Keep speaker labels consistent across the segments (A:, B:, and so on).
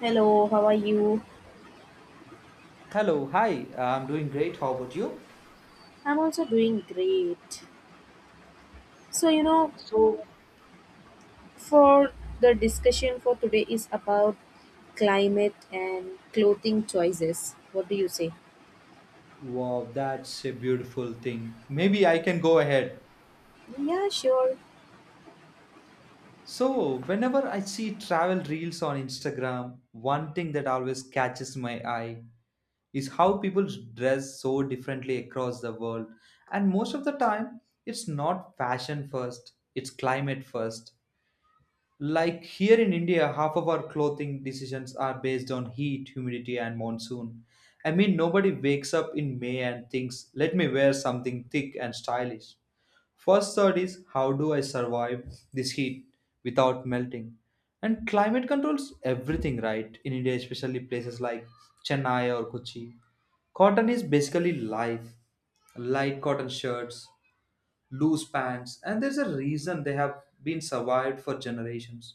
A: Hello, how are you?
B: Hello, hi. I'm doing great. How about you?
A: I'm also doing great. So,
B: So,
A: for the discussion for today is about climate and clothing choices. What do you say?
B: wow, that's a beautiful thing. Maybe I can go ahead.
A: Yeah, sure.
B: So, whenever I see travel reels on Instagram, one thing that always catches my eye is how people dress so differently across the world. And most of the time, it's not fashion first, it's climate first. Like here in India, half of our clothing decisions are based on heat, humidity, and monsoon. I mean, nobody wakes up in May and thinks, let me wear something thick and stylish. First thought is, how do I survive this heat without melting? And climate controls everything, right? In India, especially places like Chennai or Kochi, cotton is basically life. Light cotton shirts, loose pants, and there's a reason they have been survived for generations.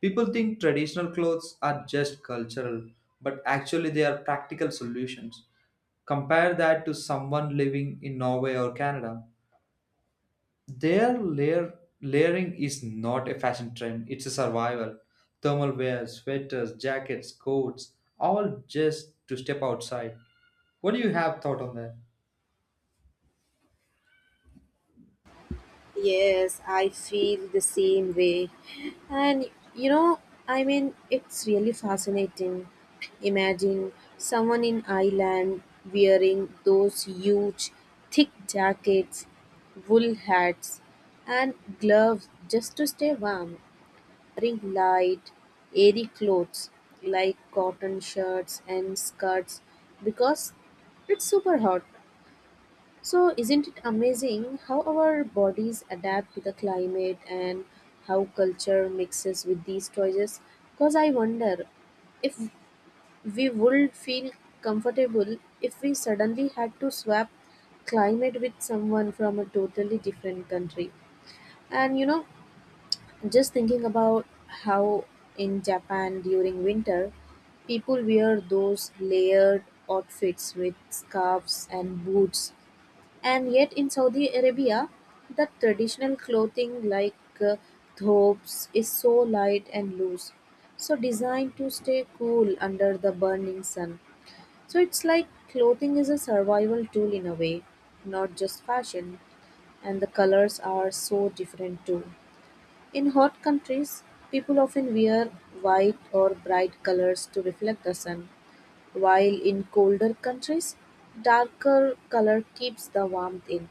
B: People think traditional clothes are just cultural, but actually they are practical solutions. Compare that to someone living in Norway or Canada. Their layering is not a fashion trend, it's a survival. Thermal wear, sweaters, jackets, coats, all just to step outside. What do you have thought on that?
A: Yes, I feel the same way. And you know, it's really fascinating. Imagine someone in Ireland wearing those huge, thick jackets, wool hats, and gloves just to stay warm, wearing light, airy clothes like cotton shirts and skirts because it's super hot. So, isn't it amazing how our bodies adapt to the climate and how culture mixes with these choices? Because I wonder if we would feel comfortable if we suddenly had to swap climate with someone from a totally different country. And just thinking about how in Japan during winter, people wear those layered outfits with scarves and boots and yet in Saudi Arabia, the traditional clothing like uh, thobes is so light and loose, so designed to stay cool under the burning sun. So it's like clothing is a survival tool in a way, not just fashion, and the colors are so different too. In hot countries, people often wear white or bright colors to reflect the sun, while in colder countries, darker color keeps the warmth in.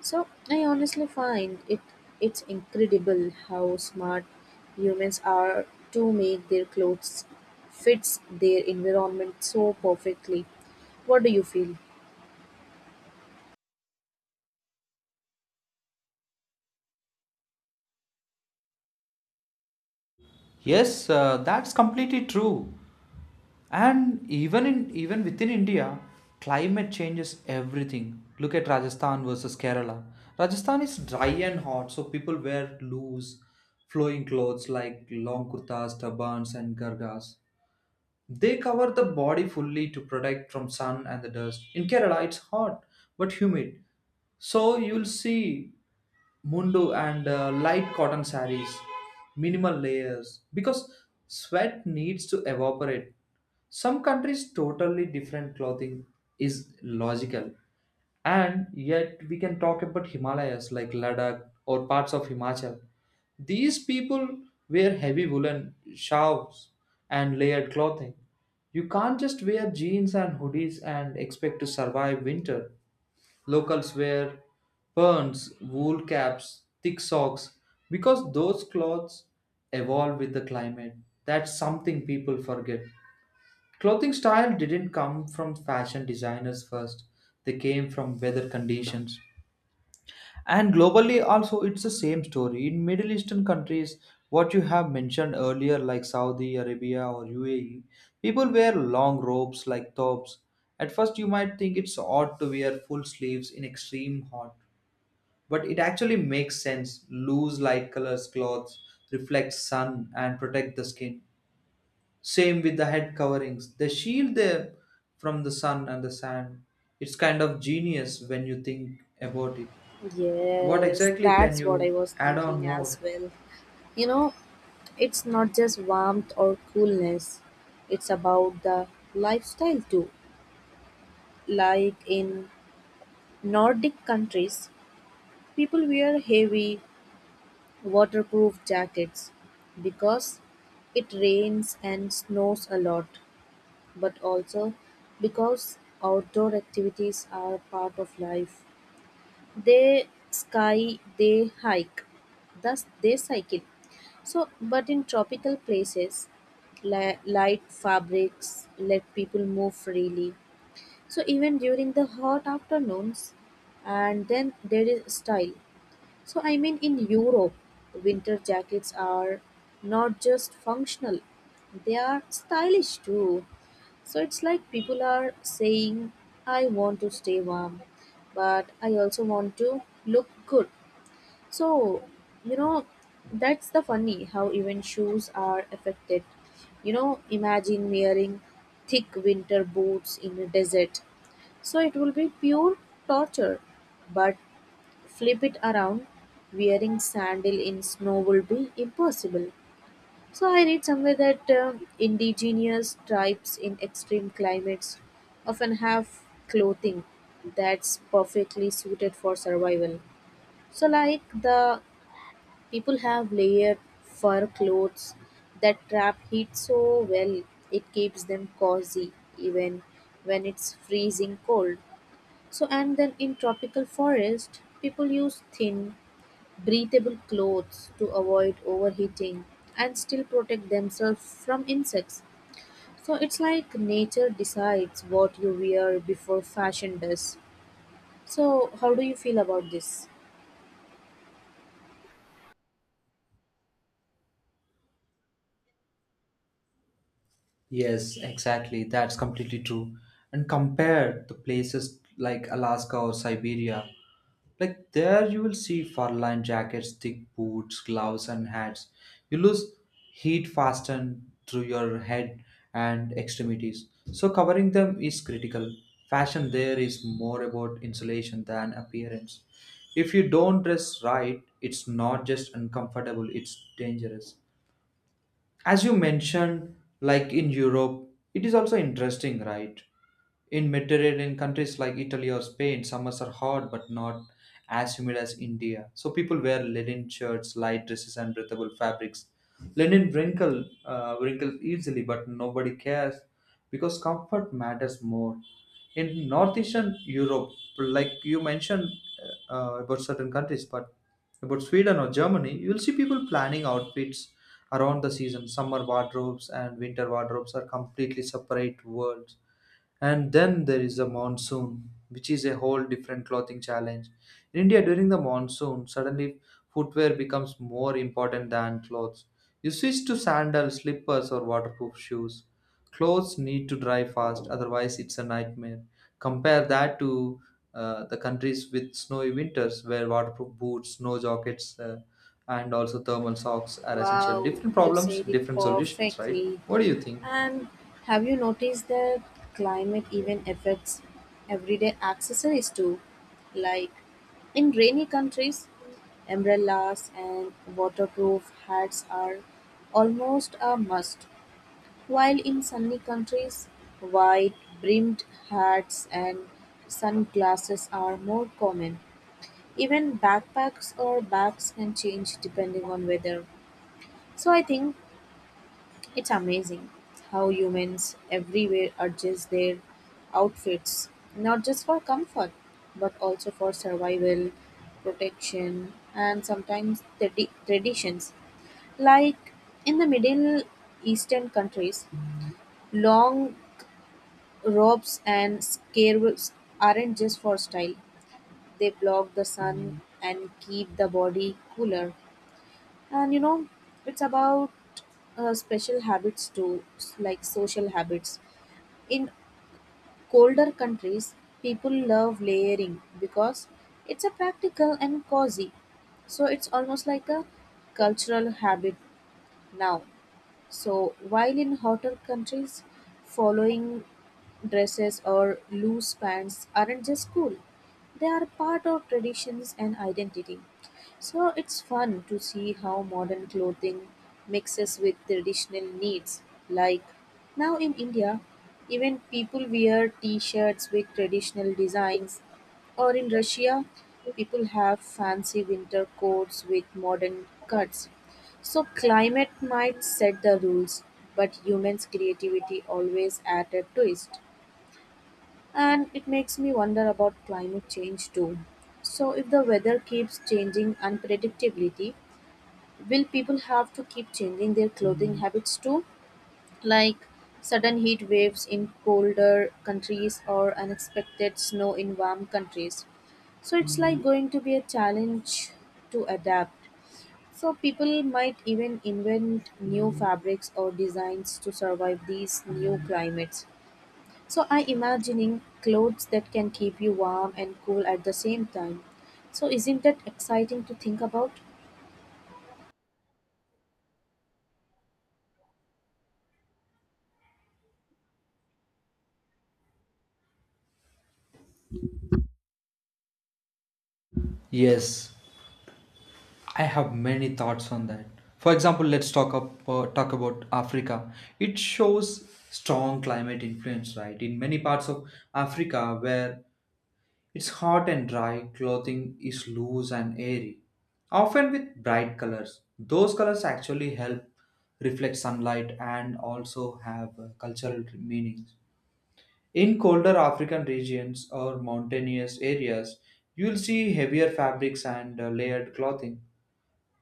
A: So I honestly find it's incredible how smart humans are to make their clothes fits their environment so perfectly. What do you feel?
B: Yes, that's completely true. And even within India, climate changes everything. Look at Rajasthan versus Kerala. Rajasthan is dry and hot, so people wear loose, flowing clothes like long kurtas, turbans, and gargas. They cover the body fully to protect from sun and the dust. In Kerala, it's hot but humid. So you'll see mundu and light cotton saris, minimal layers, because sweat needs to evaporate. Some countries totally different clothing is logical. And yet, we can talk about Himalayas like Ladakh or parts of Himachal. These people wear heavy woolen shawls and layered clothing. You can't just wear jeans and hoodies and expect to survive winter. Locals wear perns, wool caps, thick socks because those clothes evolve with the climate. That's something people forget. Clothing style didn't come from fashion designers first, they came from weather conditions. And globally also it's the same story. In Middle Eastern countries, what you have mentioned earlier like Saudi Arabia or UAE, people wear long robes like tops. At first you might think it's odd to wear full sleeves in extreme hot, but it actually makes sense. Loose light colors clothes reflect sun and protect the skin. Same with the head coverings. They shield them from the sun and the sand. It's kind of genius when you think about it. What
A: Yes,
B: exactly can
A: that's what I
B: you
A: was
B: add on
A: thinking as
B: more?
A: well. You know, it's not just warmth or coolness, it's about the lifestyle too. Like in Nordic countries, people wear heavy, waterproof jackets, because it rains and snows a lot, but also because outdoor activities are part of life. They sky, they hike, thus they cycle. So, but in tropical places, light fabrics let people move freely. So, even during the hot afternoons, and then there is style. So, in Europe, winter jackets are not just functional, they are stylish too. So, it's like people are saying, I want to stay warm, but I also want to look good. So, you know, that's the funny how even shoes are affected. You know, imagine wearing thick winter boots in a desert. So, it will be pure torture. But flip it around wearing sandal in snow will be impossible. So I read somewhere that indigenous tribes in extreme climates often have clothing that's perfectly suited for survival. So like the people have layered fur clothes that trap heat so well, it keeps them cozy even when it's freezing cold. So and then in tropical forest people use thin breathable clothes to avoid overheating and still protect themselves from insects. So it's like nature decides what you wear before fashion does. So, how do you feel about this?
B: Yes, exactly. That's completely true. And compare the places like Alaska or Siberia. Like there you will see fur lined jackets, thick boots, gloves and hats. You lose heat faster through your head and extremities. So covering them is critical. Fashion there is more about insulation than appearance. If you don't dress right, it's not just uncomfortable, it's dangerous. As you mentioned, like in Europe, it is also interesting, right? In Mediterranean countries like Italy or Spain, summers are hot but not as humid as India. So people wear linen shirts, light dresses, and breathable fabrics. Linen wrinkles easily, but nobody cares because comfort matters more. In northeastern Europe, like you mentioned about certain countries, but about Sweden or Germany, you will see people planning outfits around the season. Summer wardrobes and winter wardrobes are completely separate worlds, and then there is the monsoon, which is a whole different clothing challenge. In India, during the monsoon, suddenly footwear becomes more important than clothes. You switch to sandals, slippers, or waterproof shoes. Clothes need to dry fast, otherwise, it's a nightmare. Compare that to the countries with snowy winters where waterproof boots, snow jackets, and also thermal socks are essential.
A: Wow,
B: Different
A: you
B: problems,
A: said it
B: different solutions, right?
A: perfectly.
B: What do you think?
A: And have you noticed that climate even affects everyday accessories too? Like in rainy countries, umbrellas and waterproof hats are almost a must. While in sunny countries, wide-brimmed hats and sunglasses are more common. Even backpacks or bags can change depending on weather. So I think it's amazing how humans everywhere adjust their outfits, not just for comfort, but also for survival, protection, and sometimes traditions. Like in the Middle Eastern countries, long robes and scarves aren't just for style. They block the sun and keep the body cooler. And it's about special habits too, like social habits. In colder countries, people love layering because it's a practical and cozy. So it's almost like a cultural habit now. So, while in hotter countries, following dresses or loose pants aren't just cool, they are part of traditions and identity. So, it's fun to see how modern clothing mixes with traditional needs. Like now in India, even people wear t shirts with traditional designs, or in Russia, people have fancy winter coats with modern cuts. So climate might set the rules, but humans' creativity always add a twist. And it makes me wonder about climate change too. So if the weather keeps changing unpredictability, will people have to keep changing their clothing habits too? Like sudden heat waves in colder countries or unexpected snow in warm countries. So it's like going to be a challenge to adapt. So people might even invent new fabrics or designs to survive these new climates. So I imagining clothes that can keep you warm and cool at the same time. So isn't that exciting to think about?
B: Yes, I have many thoughts on that. For example, let's talk about Africa. It shows strong climate influence, right? In many parts of Africa where it's hot and dry, clothing is loose and airy, often with bright colors. Those colors actually help reflect sunlight and also have cultural meanings. In colder African regions or mountainous areas, you'll see heavier fabrics and layered clothing.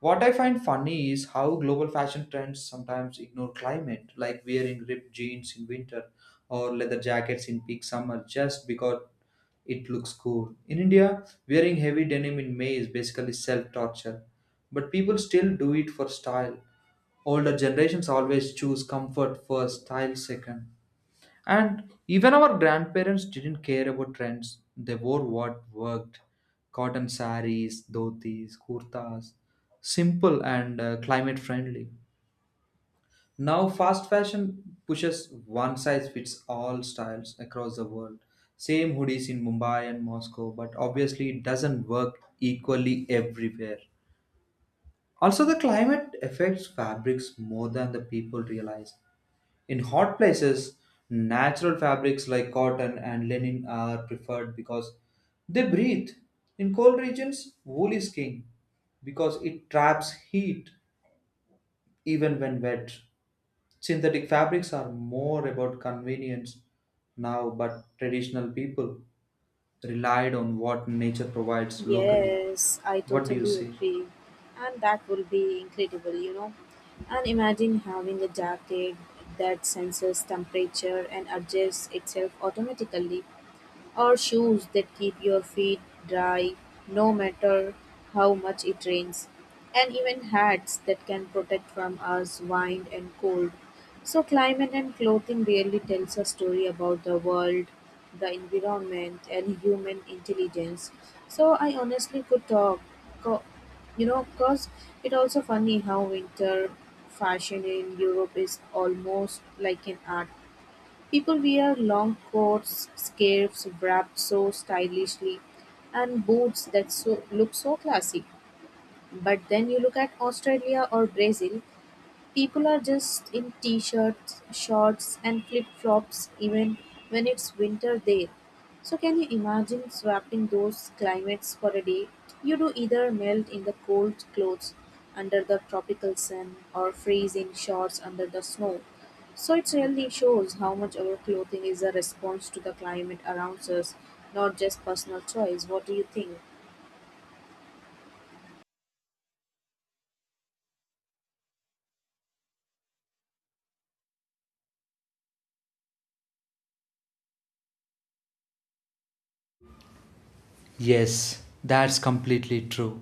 B: What I find funny is how global fashion trends sometimes ignore climate, like wearing ripped jeans in winter or leather jackets in peak summer just because it looks cool. In India, wearing heavy denim in May is basically self torture, but people still do it for style. Older generations always choose comfort first, style second. And even our grandparents didn't care about trends. They wore what worked: cotton saris, dhotis, kurtas, simple and climate friendly. Now, fast fashion pushes one size fits all styles across the world. Same hoodies in Mumbai and Moscow, but obviously it doesn't work equally everywhere. Also, the climate affects fabrics more than the people realize. In hot places, natural fabrics like cotton and linen are preferred because they breathe. In cold regions, wool is king because it traps heat even when wet. Synthetic fabrics are more about convenience now, but traditional people relied on what nature provides locally.
A: Yes, I
B: What do you
A: totally
B: say?
A: agree. And that will be incredible, you know. And imagine having a jacket that senses temperature and adjusts itself automatically. Or shoes that keep your feet dry no matter how much it rains. And even hats that can protect from us wind and cold. So climate and clothing really tells a story about the world, the environment and human intelligence. So I honestly could co- because it also funny how winter fashion in Europe is almost like an art. People wear long coats, scarves wrapped so stylishly, and boots that so, look so classy. But then you look at Australia or Brazil, people are just in t-shirts, shorts and flip-flops even when it's winter there. So can you imagine swapping those climates for a day? You do either melt in the cold clothes under the tropical sun or freeze in shorts under the snow. So it really shows how much our clothing is a response to the climate around us, not just personal choice. What do you think?
B: Yes, that's completely true.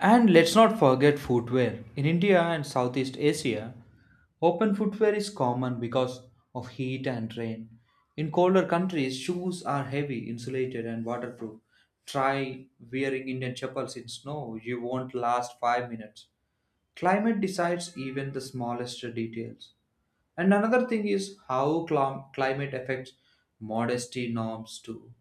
B: And let's not forget footwear. In India and Southeast Asia, open footwear is common because of heat and rain. In colder countries, shoes are heavy, insulated, and waterproof. Try wearing Indian chapels in snow, you won't last 5 minutes. Climate decides even the smallest details. And another thing is how climate affects modesty norms too.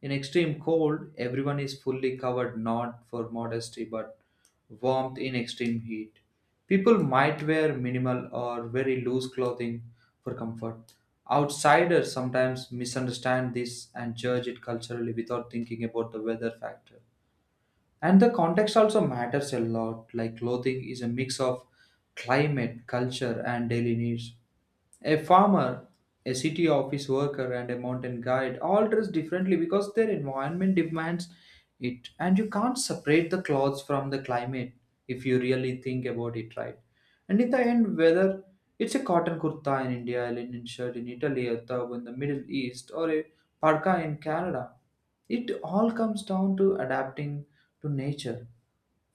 B: In extreme cold, everyone is fully covered not for modesty but warmth. In extreme heat, people might wear minimal or very loose clothing for comfort. Outsiders sometimes misunderstand this and judge it culturally without thinking about the weather factor. And the context also matters a lot, like clothing is a mix of climate, culture, and daily needs. A farmer, a city office worker, and a mountain guide all dress differently because their environment demands it, and you can't separate the clothes from the climate if you really think about it, right. And in the end, whether it's a cotton kurta in India, a linen shirt in Italy, a tub in the Middle East, or a parka in Canada, it all comes down to adapting to nature.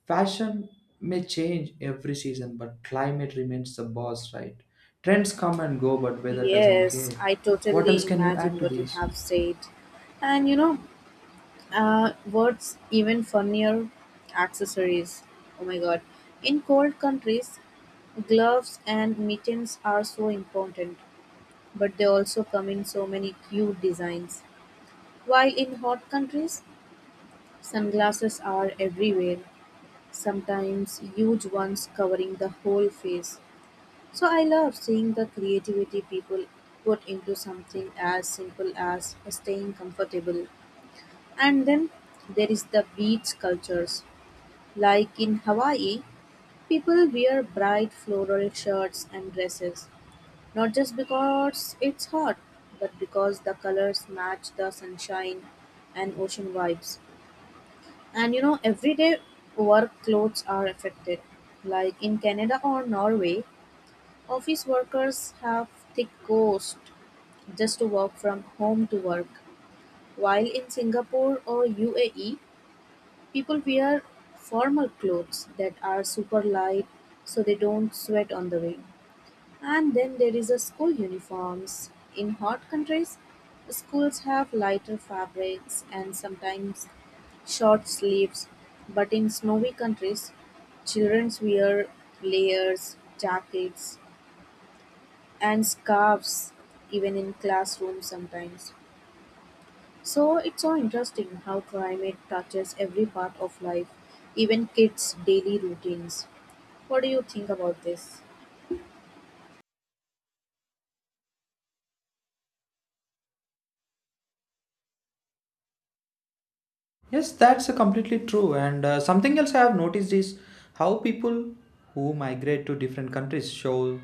B: Fashion may change every season, but climate remains the boss, right? Trends come and go, but weather doesn't care.
A: Yes, I
B: What else
A: totally
B: can you add
A: imagine
B: to
A: what you
B: these?
A: have said. And you know, what's even funnier? Accessories. Oh my god. In cold countries, gloves and mittens are so important, but they also come in so many cute designs. While in hot countries, sunglasses are everywhere, sometimes huge ones covering the whole face. So I love seeing the creativity people put into something as simple as staying comfortable. And then there is the beach cultures. Like in Hawaii, people wear bright floral shirts and dresses, not just because it's hot, but because the colors match the sunshine and ocean vibes. And you know, everyday work clothes are affected. Like in Canada or Norway, office workers have thick coats just to work from home to work, while in Singapore or UAE, people wear formal clothes that are super light so they don't sweat on the way. And then there is a school uniforms. In hot countries, schools have lighter fabrics and sometimes short sleeves, but in snowy countries, children wear layers, jackets, and scarves even in classrooms sometimes. So it's so interesting how climate touches every part of life, even kids' daily routines. What do you think about this?
B: Yes, that's completely true. And something else I have noticed is how people who migrate to different countries show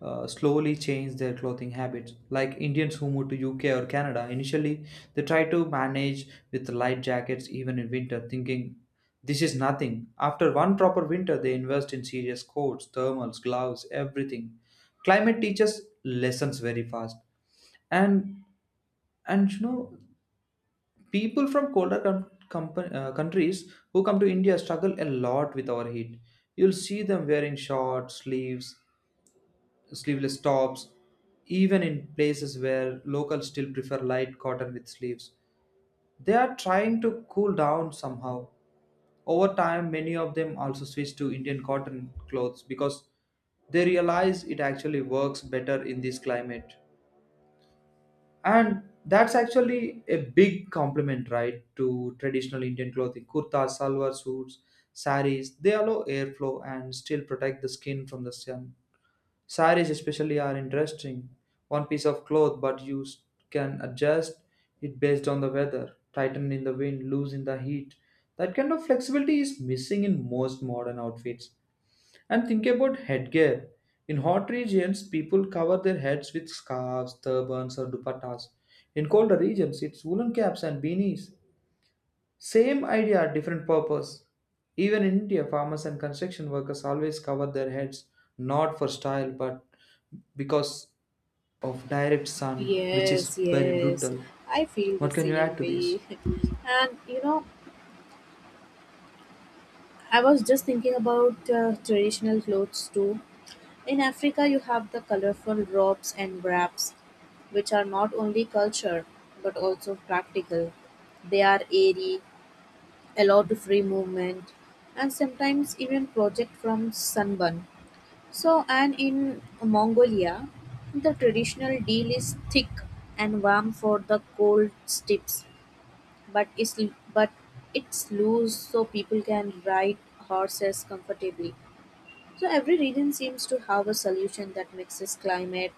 B: slowly change their clothing habits. Like Indians who move to UK or Canada, initially they try to manage with light jackets even in winter, thinking this is nothing. After one proper winter, they invest in serious coats, thermals, gloves, everything. Climate teaches lessons very fast. And and you know, people from colder countries who come to India struggle a lot with our heat. You'll see them wearing short sleeves, sleeveless tops, even in places where locals still prefer light cotton with sleeves. They are trying to cool down somehow. Over time, many of them also switch to Indian cotton clothes because they realize it actually works better in this climate. And that's actually a big compliment, right, to traditional Indian clothing. Kurtas, salwar suits, saris, they allow airflow and still protect the skin from the sun. Saris especially are interesting. One piece of cloth, but you can adjust it based on the weather, tighten in the wind, loose in the heat. That kind of flexibility is missing in most modern outfits. And think about headgear. In hot regions, people cover their heads with scarves, turbans, or dupattas. In colder regions, it's woolen caps and beanies. Same idea, different purpose. Even in India, farmers and construction workers always cover their heads, not for style, but because of direct sun, which
A: Yes,
B: is very
A: yes.
B: brutal.
A: I feel the
B: What can you
A: same
B: add to this?
A: way. And you know, I was just thinking about traditional clothes too. In Africa, you have the colorful robes and wraps, which are not only culture but also practical. They are airy, allowed free movement and sometimes even project from sunburn. So, and in Mongolia, the traditional deal is thick and warm for the cold steppes, but is but it's loose so people can ride horses comfortably. So every region seems to have a solution that mixes climate,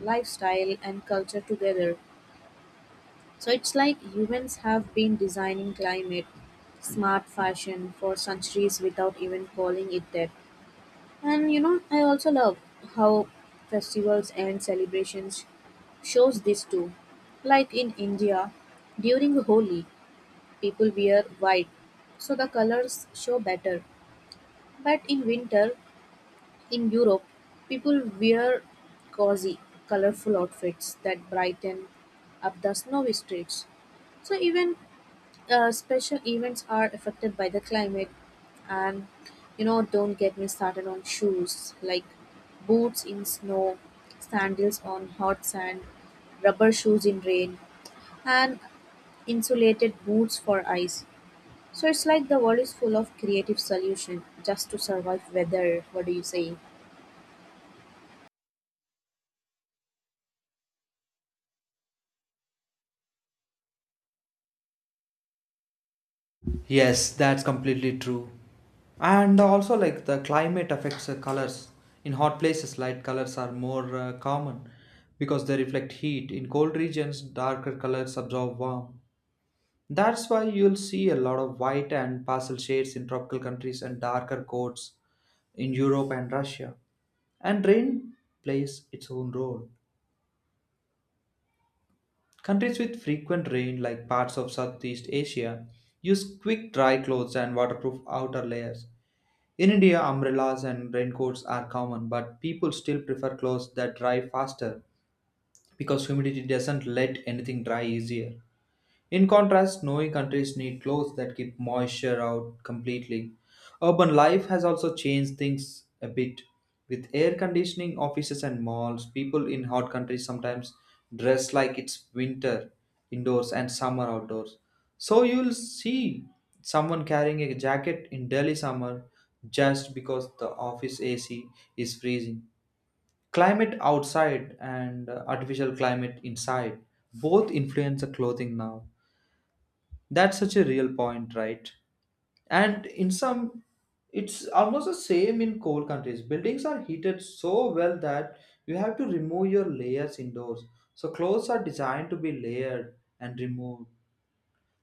A: lifestyle, and culture together. So it's like humans have been designing climate smart fashion for centuries without even calling it that. And you know, I also love how festivals and celebrations shows this too. Like in India, during Holi, people wear white, so the colors show better. But in winter, in Europe, people wear cozy, colorful outfits that brighten up the snowy streets. So even special events are affected by the climate, and you know, don't get me started on shoes like boots in snow, sandals on hot sand, rubber shoes in rain, and insulated boots for ice. So it's like the world is full of creative solutions just to survive weather. What do you say?
B: Yes, that's completely true. And also, like the climate affects the colors. In hot places, light colors are more common because they reflect heat. In cold regions, darker colors absorb warmth. That's why you'll see a lot of white and pastel shades in tropical countries and darker coats in Europe and Russia. And rain plays its own role. Countries with frequent rain, like parts of Southeast Asia, use quick dry clothes and waterproof outer layers. In India, umbrellas and raincoats are common, but people still prefer clothes that dry faster because humidity doesn't let anything dry easier. In contrast, snowy countries need clothes that keep moisture out completely. Urban life has also changed things a bit. With air conditioning, offices, and malls, people in hot countries sometimes dress like it's winter indoors and summer outdoors. So you'll see someone carrying a jacket in Delhi summer just because the office AC is freezing. Climate outside and artificial climate inside both influence the clothing now. That's such a real point, right? And in some, it's almost the same in cold countries. Buildings are heated so well that you have to remove your layers indoors. So clothes are designed to be layered and removed.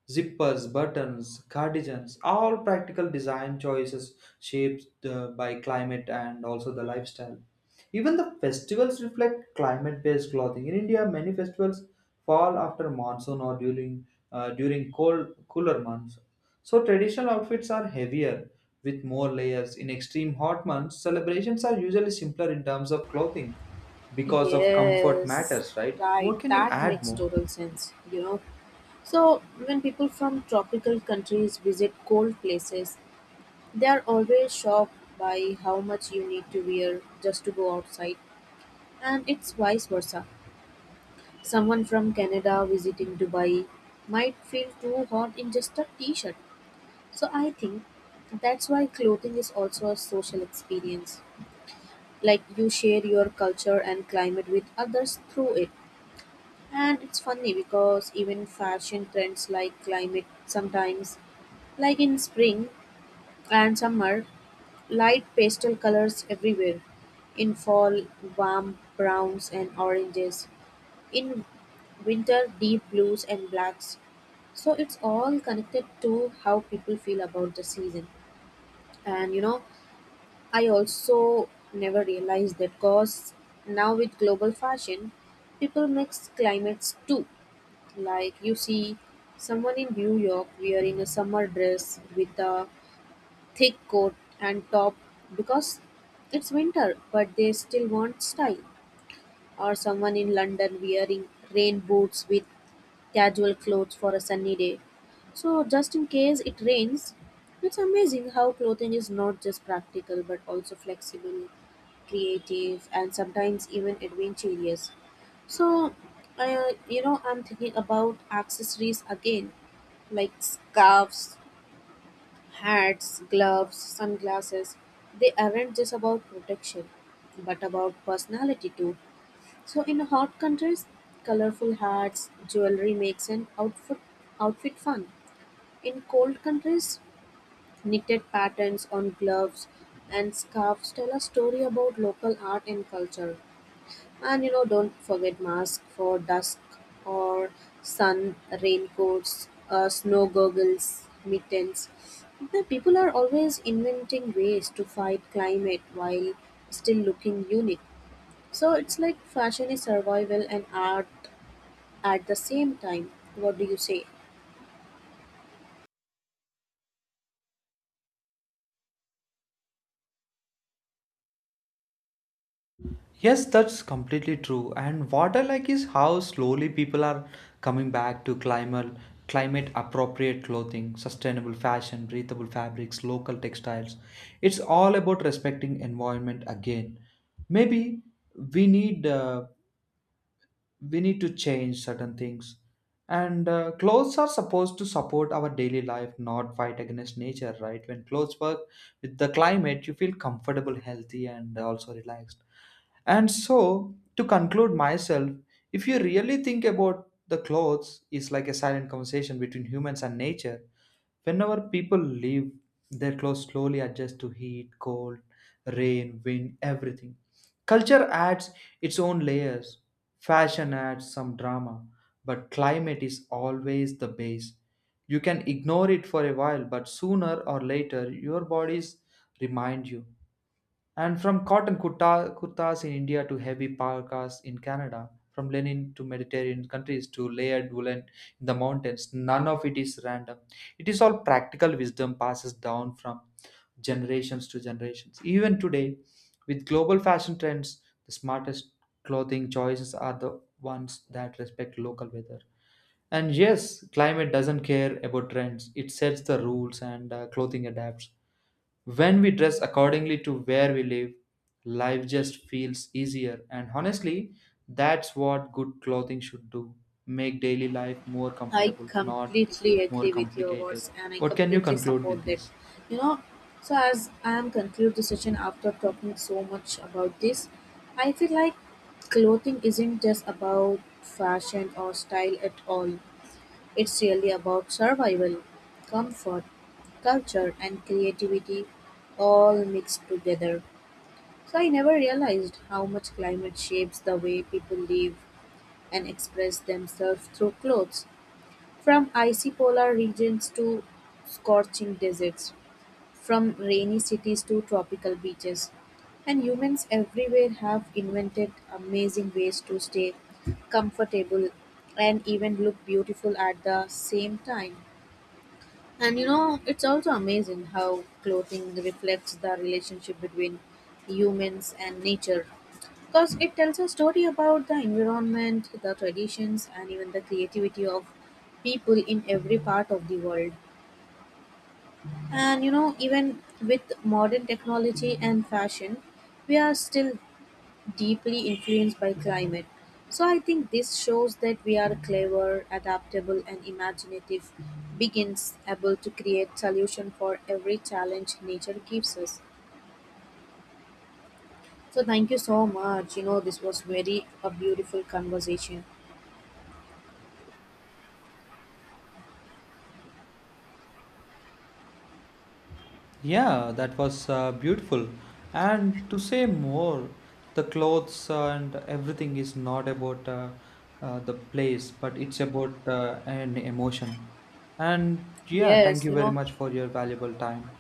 B: Zippers, buttons, cardigans, all practical design choices shaped by climate and also the lifestyle. Even the festivals reflect climate based clothing. In India, many festivals fall after monsoon or during during cold cooler months. So traditional outfits are heavier with more layers. In extreme hot months, celebrations are usually simpler in terms of clothing because of comfort
A: Yes,
B: matters, right?
A: right.
B: What can you
A: That
B: add
A: makes
B: more?
A: total sense, you know. So, when people from tropical countries visit cold places, they're always shocked by how much you need to wear just to go outside, and it's vice versa. Someone from Canada visiting Dubai might feel too hot in just a t shirt. So I think that's why clothing is also a social experience. Like you share your culture and climate with others through it. And it's funny because even fashion trends like climate sometimes, like in spring and summer, light pastel colors everywhere; in fall, warm browns and oranges; in winter, deep blues and blacks. So it's all connected to how people feel about the season. And you know, I also never realized that because now with global fashion, people mix climates too. Like you see someone in New York wearing a summer dress with a thick coat and top because it's winter, but they still want style. Or someone in London wearing rain boots with casual clothes for a sunny day. So, just in case it rains, it's amazing how clothing is not just practical but also flexible, creative, and sometimes even adventurous. So, you know, I'm thinking about accessories again, like scarves, hats, gloves, sunglasses, they aren't just about protection, but about personality too. So in hot countries, colorful hats, jewelry makes an outfit fun. In cold countries, knitted patterns on gloves and scarves tell a story about local art and culture. And you know, don't forget mask for dusk or sun, raincoats, snow goggles, mittens. The people are always inventing ways to fight climate while still looking unique. So it's like fashion is survival and art at the same time. What do you say?
B: Yes, that's completely true. And what I like is how slowly people are coming back to climate appropriate clothing, sustainable fashion, breathable fabrics, local textiles. It's all about respecting environment again. Maybe we need uh, we need to change certain things, and clothes are supposed to support our daily life, not fight against nature, right? When clothes work with the climate, you feel comfortable, healthy, and also relaxed. And so, to conclude myself, if you really think about, the clothes is like a silent conversation between humans and nature. Whenever people leave, their clothes slowly adjust to heat, cold, rain, wind, everything. Culture adds its own layers. Fashion adds some drama, but climate is always the base. You can ignore it for a while, but sooner or later, your bodies remind you. And from kurtas in India to heavy parkas in Canada, from linen to Mediterranean countries to layered woolen in the mountains, none of it is random. It is all practical wisdom passes down from generations to generations. Even today, with global fashion trends, the smartest clothing choices are the ones that respect local weather. And yes, climate doesn't care about trends. It sets the rules and clothing adapts. When we dress accordingly to where we live, life just feels easier. And honestly, that's what good clothing should do, make daily life more
A: I
B: comfortable, not
A: completely
B: more
A: agree with your
B: complicated.
A: words and I
B: What can you
A: completely
B: conclude with
A: support that.
B: this?
A: You know, so as I am conclude the session after talking so much about this, I feel like clothing isn't just about fashion or style at all. It's really about survival, comfort, culture and creativity all mixed together. So I never realized how much climate shapes the way people live and express themselves through clothes. From icy polar regions to scorching deserts, from rainy cities to tropical beaches, and humans everywhere have invented amazing ways to stay comfortable and even look beautiful at the same time. And you know, it's also amazing how clothing reflects the relationship between humans and nature. Because it tells a story about the environment, the traditions, and even the creativity of people in every part of the world. And you know, even with modern technology and fashion, we are still deeply influenced by climate. So I think this shows that we are clever, adaptable, and imaginative beings able to create solution for every challenge nature gives us. So thank you so much. You know, this was very a beautiful conversation.
B: Yeah, that was beautiful. And to say more, the clothes and everything is not about the place, but it's about an emotion. And yeah, thank
A: Yes,
B: you
A: you
B: very
A: know,
B: much for your valuable time.